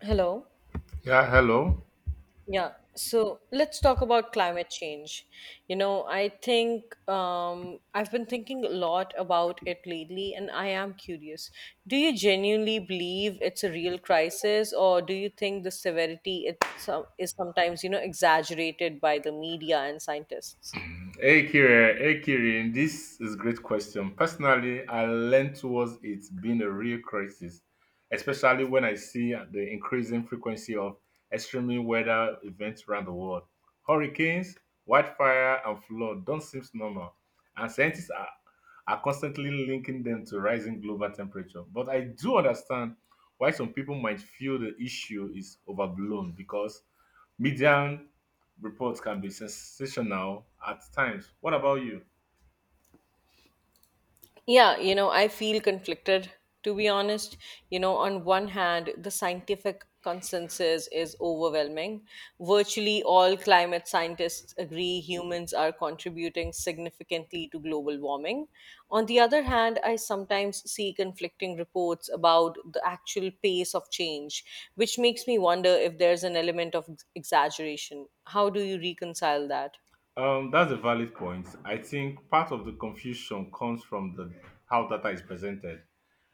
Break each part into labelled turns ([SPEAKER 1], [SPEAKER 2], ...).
[SPEAKER 1] Hello.
[SPEAKER 2] Yeah, hello.
[SPEAKER 1] Yeah. So let's talk about climate change. I've been thinking a lot about it lately, and I am curious. Do you genuinely believe it's a real crisis, or do you think the severity is sometimes, exaggerated by the media and scientists?
[SPEAKER 2] Hey, Kirin. This is a great question. Personally, I lean towards it being a real crisis, especially when I see the increasing frequency of extreme weather events around the world. Hurricanes, wildfire, and flood don't seem normal, and scientists are constantly linking them to rising global temperature. But I do understand why some people might feel the issue is overblown because media reports can be sensational at times. What about you?
[SPEAKER 1] Yeah, you know, I feel conflicted to be honest. You know, on one hand, the scientific consensus is overwhelming. Virtually all climate scientists agree humans are contributing significantly to global warming. On the other hand, I sometimes see conflicting reports about the actual pace of change, which makes me wonder if there's an element of exaggeration. How do you reconcile that?
[SPEAKER 2] That's a valid point. I think part of the confusion comes from the how data is presented.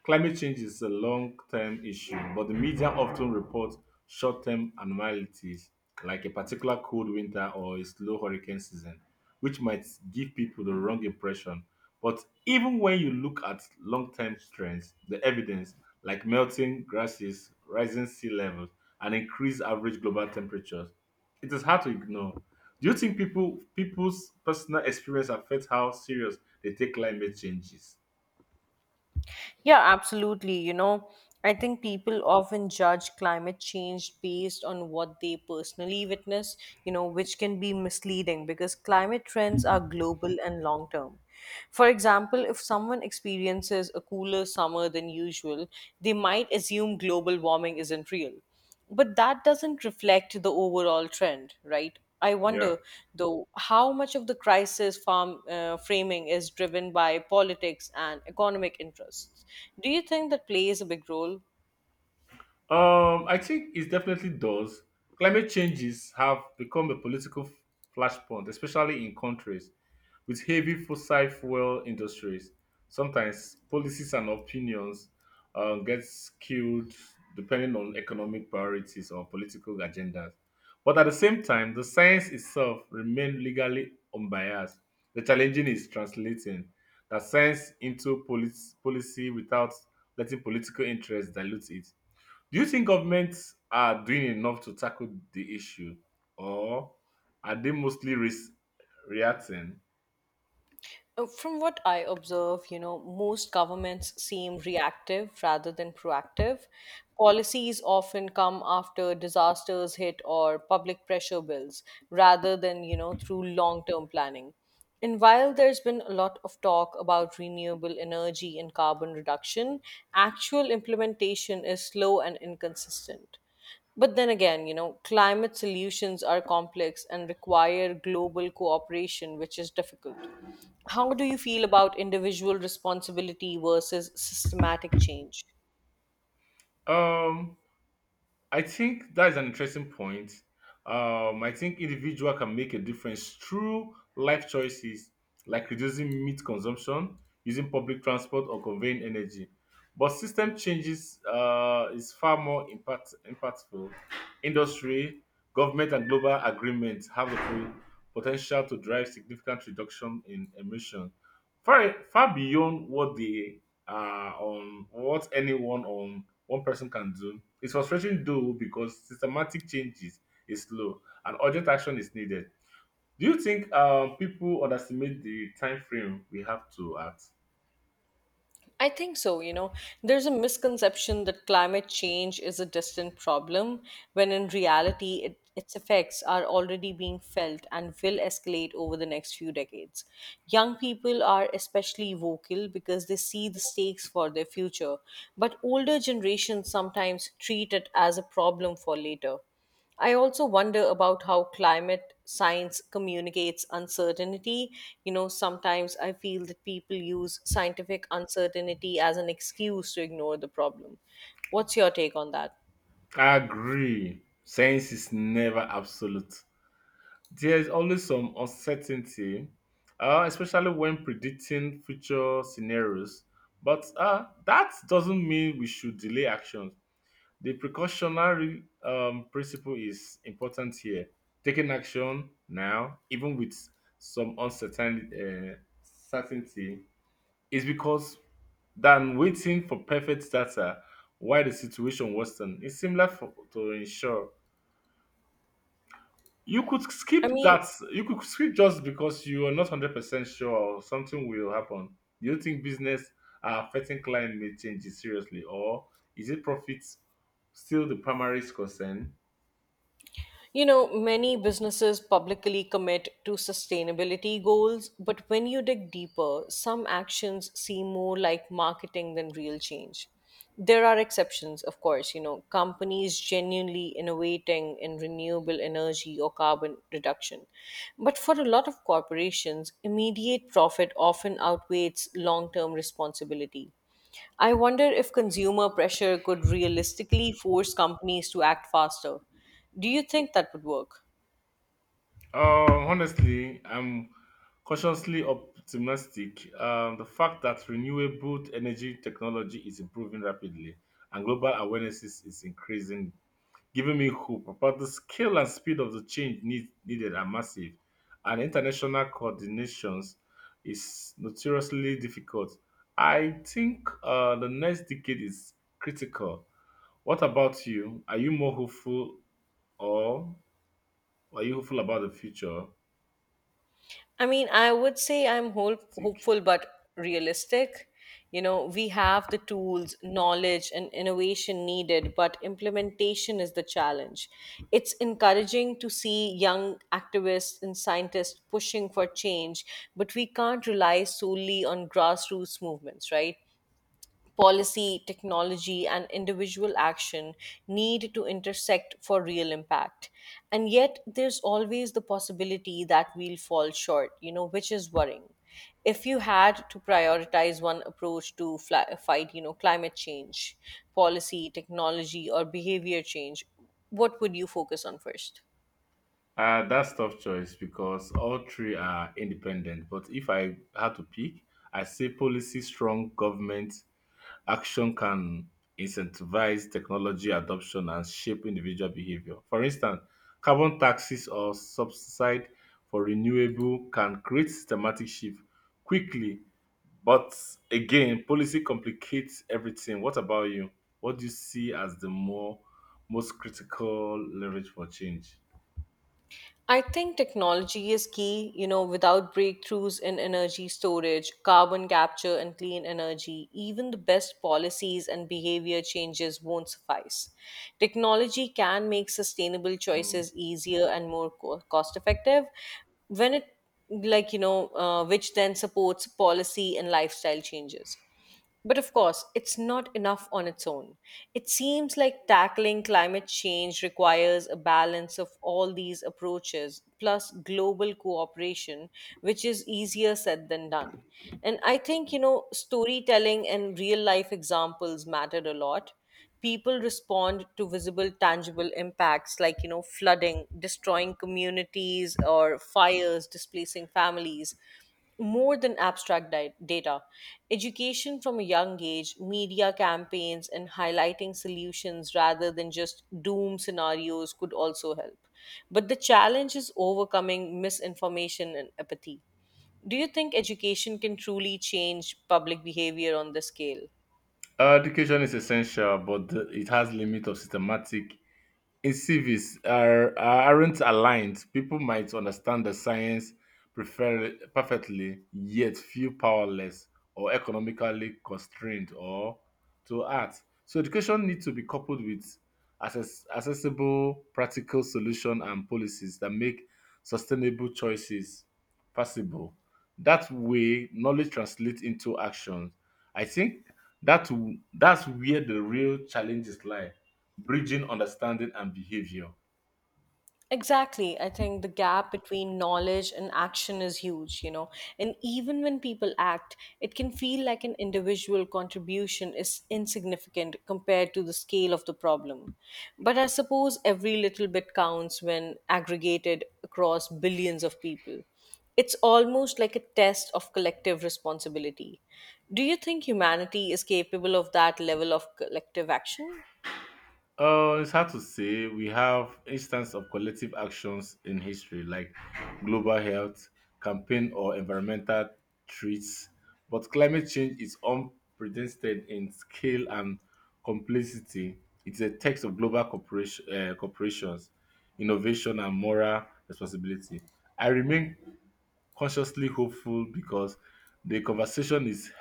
[SPEAKER 2] Climate change is a long-term issue, but the media often reports short-term anomalies like a particular cold winter or a slow hurricane season, which might give people the wrong impression. But even when you look at long-term trends, the evidence like melting grasses, rising sea levels, and increased average global temperatures it is hard to ignore. Do you think people's personal experience affects how serious they take climate changes?
[SPEAKER 1] Yeah, absolutely. You know, I think people often judge climate change based on what they personally witness, you know, which can be misleading because climate trends are global and long term. For example, if someone experiences a cooler summer than usual, they might assume global warming isn't real. But that doesn't reflect the overall trend, right? I
[SPEAKER 2] Yeah.
[SPEAKER 1] wonder, though, how much of the framing is driven by politics and economic interests. Do you think that plays a big role?
[SPEAKER 2] I think it definitely does. Climate changes have become a political flashpoint, especially in countries with heavy fossil fuel industries. Sometimes policies and opinions get skewed depending on economic priorities or political agendas. But at the same time, the science itself remains legally unbiased. The challenging is translating that science into policy without letting political interests dilute it. Do you think governments are doing enough to tackle the issue, or are they mostly reacting?
[SPEAKER 1] From what I observe, you know, most governments seem reactive rather than proactive. Policies often come after disasters hit or public pressure builds rather than, you know, through long term planning. And while there's been a lot of talk about renewable energy and carbon reduction, actual implementation is slow and inconsistent. But then again, you know, climate solutions are complex and require global cooperation, which is difficult. How do you feel about individual responsibility versus systematic change?
[SPEAKER 2] Um, I think that's an interesting point. I think individual can make a difference through life choices like reducing meat consumption, using public transport, or conveying energy. But system changes is far more impactful. Industry, government, and global agreements have the potential to drive significant reduction in emission. Far beyond what they are on what anyone on one person can do. It's frustrating though because systematic changes is slow and urgent action is needed. Do you think people underestimate the time frame we have to act?
[SPEAKER 1] I think so. You know, there's a misconception that climate change is a distant problem, when in reality, it, its effects are already being felt and will escalate over the next few decades. Young people are especially vocal because they see the stakes for their future, but older generations sometimes treat it as a problem for later. I also wonder about how climate science communicates uncertainty. You know, sometimes I feel that people use scientific uncertainty as an excuse to ignore the problem. What's your take on that?
[SPEAKER 2] I agree. Science is never absolute. There is always some uncertainty, especially when predicting future scenarios. But that doesn't mean we should delay actions. The precautionary principle is important here. Taking action now, even with some uncertain certainty, is because than waiting for perfect data while the situation worsen. It's similar for, to ensure you could skip
[SPEAKER 1] I mean,
[SPEAKER 2] that. You could skip just because you are not 100% sure something will happen. Do you think business are affecting client may change it seriously, or is it profits still the primary concern?
[SPEAKER 1] you know, many businesses publicly commit to sustainability goals, but when you dig deeper, some actions seem more like marketing than real change. There are exceptions, of course, you know, companies genuinely innovating in renewable energy or carbon reduction. But for a lot of corporations, immediate profit often outweighs long term responsibility. I wonder if consumer pressure could realistically force companies to act faster. Do you think that would work?
[SPEAKER 2] Honestly, I'm cautiously optimistic. The fact that renewable energy technology is improving rapidly and global awareness is increasing, giving me hope. But the scale and speed of the change needed are massive, and international coordinations is notoriously difficult. I think the next decade is critical. What about you? Are you more hopeful, or are you hopeful about the future?
[SPEAKER 1] I mean, I would say I'm
[SPEAKER 2] Stick.
[SPEAKER 1] hopeful but realistic. You know, we have the tools, knowledge, and innovation needed, but implementation is the challenge. It's encouraging to see young activists and scientists pushing for change, but we can't rely solely on grassroots movements, right? Policy, technology, and individual action need to intersect for real impact. And yet, there's always the possibility that we'll fall short, you know, which is worrying. If you had to prioritize one approach to fight, you know, climate change, policy, technology, or behavior change, what would you focus on first?
[SPEAKER 2] That's tough choice because all three are independent. But if I had to pick, I say policy strong government action can incentivize technology adoption and shape individual behavior. For instance, carbon taxes or subsidy for renewable can create systematic shift quickly. But again, policy complicates everything. What about you? What do you see as the more most critical leverage for change?
[SPEAKER 1] I think technology is key, you know, without breakthroughs in energy storage, carbon capture, and clean energy, even the best policies and behavior changes won't suffice. Technology can make sustainable
[SPEAKER 2] Hmm.
[SPEAKER 1] choices easier and more cost effective when it, like, you know, which then supports policy and lifestyle changes. But of course, it's not enough on its own. It seems like tackling climate change requires a balance of all these approaches, plus global cooperation, which is easier said than done. And I think, you know, storytelling and real life examples mattered a lot. People respond to visible tangible impacts, like, you know, flooding destroying communities or fires displacing families, more than abstract data. Education from a young age, media campaigns, and highlighting solutions rather than just doom scenarios could also help, but the challenge is overcoming misinformation and apathy. Do you think education can truly change public behavior on this scale?
[SPEAKER 2] Education is essential, but the, it has limit of systematic incentives are aren't aligned, people might understand the science perfectly, yet feel powerless or economically constrained or to act. So education needs to be coupled with accessible, practical solution and policies that make sustainable choices possible. That way, knowledge translates into action. I think that that's where the real challenges lie bridging understanding and behavior.
[SPEAKER 1] Exactly. I think the gap between knowledge and action is huge, you know. And even when people act, it can feel like an individual contribution is insignificant compared to the scale of the problem. But I suppose every little bit counts when aggregated across billions of people. It's almost like a test of collective responsibility. Do you think humanity is capable of that level of collective action?
[SPEAKER 2] It's hard to say we have instances of collective actions in history like global health campaign or environmental threats, but climate change is unprecedented in scale and complexity. It's a text of global corporations innovation and moral responsibility. I remain consciously hopeful because the conversation is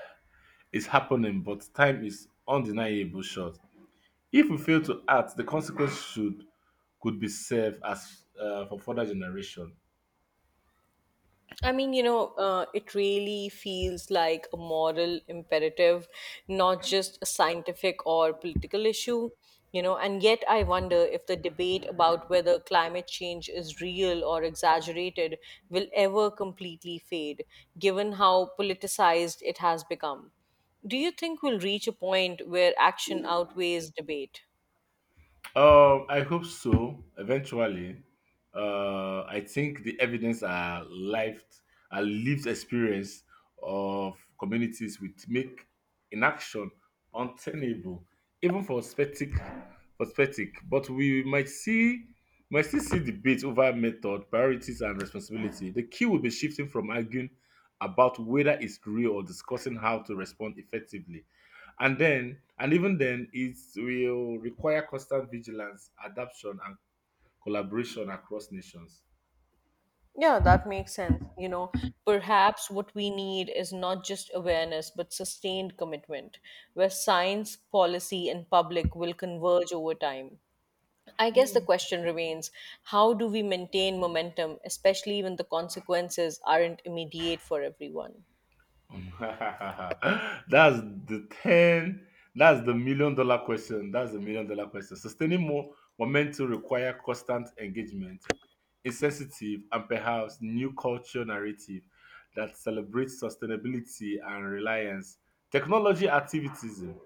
[SPEAKER 2] is happening, but time is undeniable short. If we fail to act, the consequences should could be serve as for further generation.
[SPEAKER 1] It really feels like a moral imperative, not just a scientific or political issue, you know. And yet, I wonder if the debate about whether climate change is real or exaggerated will ever completely fade, given how politicized it has become. Do you think we'll reach a point where action outweighs debate?
[SPEAKER 2] I hope so. Eventually, I think the evidence are lived experience of communities which make inaction untenable, even for spectic. But we might still see debate over method, priorities, and responsibility. The key will be shifting from arguing about whether it's real or discussing how to respond effectively, and then and even then it will require constant vigilance adaptation and collaboration across nations.
[SPEAKER 1] Yeah, that makes sense. You know, perhaps what we need is not just awareness, but sustained commitment, where science, policy, and public will converge over time. I guess the question remains, how do we maintain momentum, especially when the consequences aren't immediate for everyone?
[SPEAKER 2] That's the 10. That's the million dollar question that's the million dollar question Sustaining more momentum require constant engagement insensitive and perhaps new culture narrative that celebrates sustainability and reliance technology activism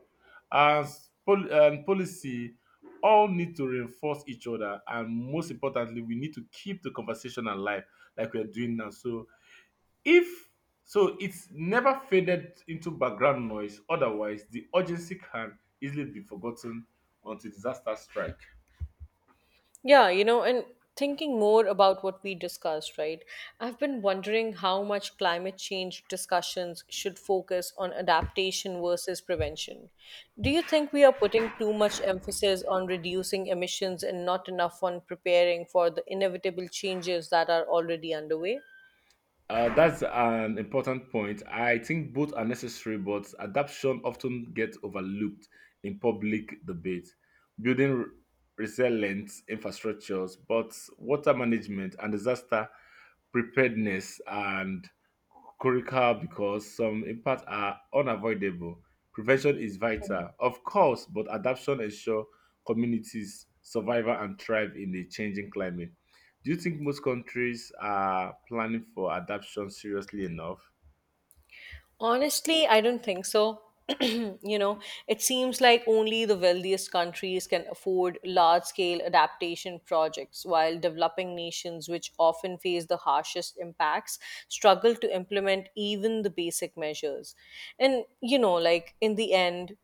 [SPEAKER 2] as and policy all need to reinforce each other, and most importantly we need to keep the conversation alive like we're doing now, if so it's never faded into background noise. Otherwise the urgency can easily be forgotten until disaster strike.
[SPEAKER 1] Yeah, you know, and thinking more about what we discussed, right? I've been wondering how much climate change discussions should focus on adaptation versus prevention. Do you think we are putting too much emphasis on reducing emissions and not enough on preparing for the inevitable changes that are already underway?
[SPEAKER 2] That's an important point. I think both are necessary, but adaptation often gets overlooked in public debate. Building resilient infrastructures, but water management and disaster preparedness and critical because some impacts are unavoidable. Prevention is vital, of course, but adaptation ensures communities survive and thrive in a changing climate. Do you think most countries are planning for adoption seriously enough?
[SPEAKER 1] Honestly, I don't think so. You know, it seems like only the wealthiest countries can afford large scale adaptation projects, while developing nations, which often face the harshest impacts, struggle to implement even the basic measures. And, you know, like in the end,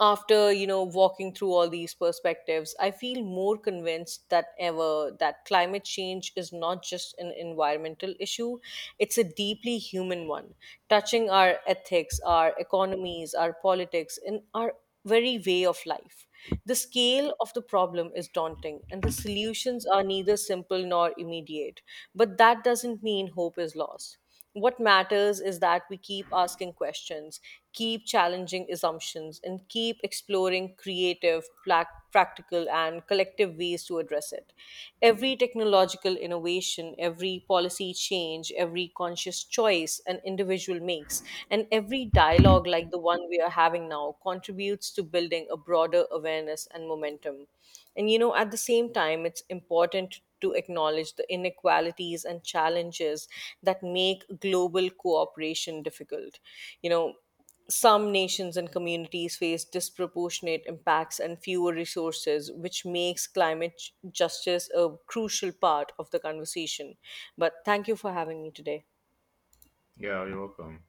[SPEAKER 1] after, you know, walking through all these perspectives, I feel more convinced that ever that climate change is not just an environmental issue. It's a deeply human one, touching our ethics, our economies, our politics, and our very way of life. The scale of the problem is daunting and the solutions are neither simple nor immediate, but that doesn't mean hope is lost. What matters is that we keep asking questions, keep challenging assumptions, and keep exploring creative, practical, and collective ways to address it. Every technological innovation, every policy change, every conscious choice an individual makes, and every dialogue like the one we are having now contributes to building a broader awareness and momentum. And you know, at the same time, it's important to acknowledge the inequalities and challenges that make global cooperation difficult. You know, some nations and communities face disproportionate impacts and fewer resources, which makes climate justice a crucial part of the conversation. But thank you for having me today.
[SPEAKER 2] Yeah, you're welcome.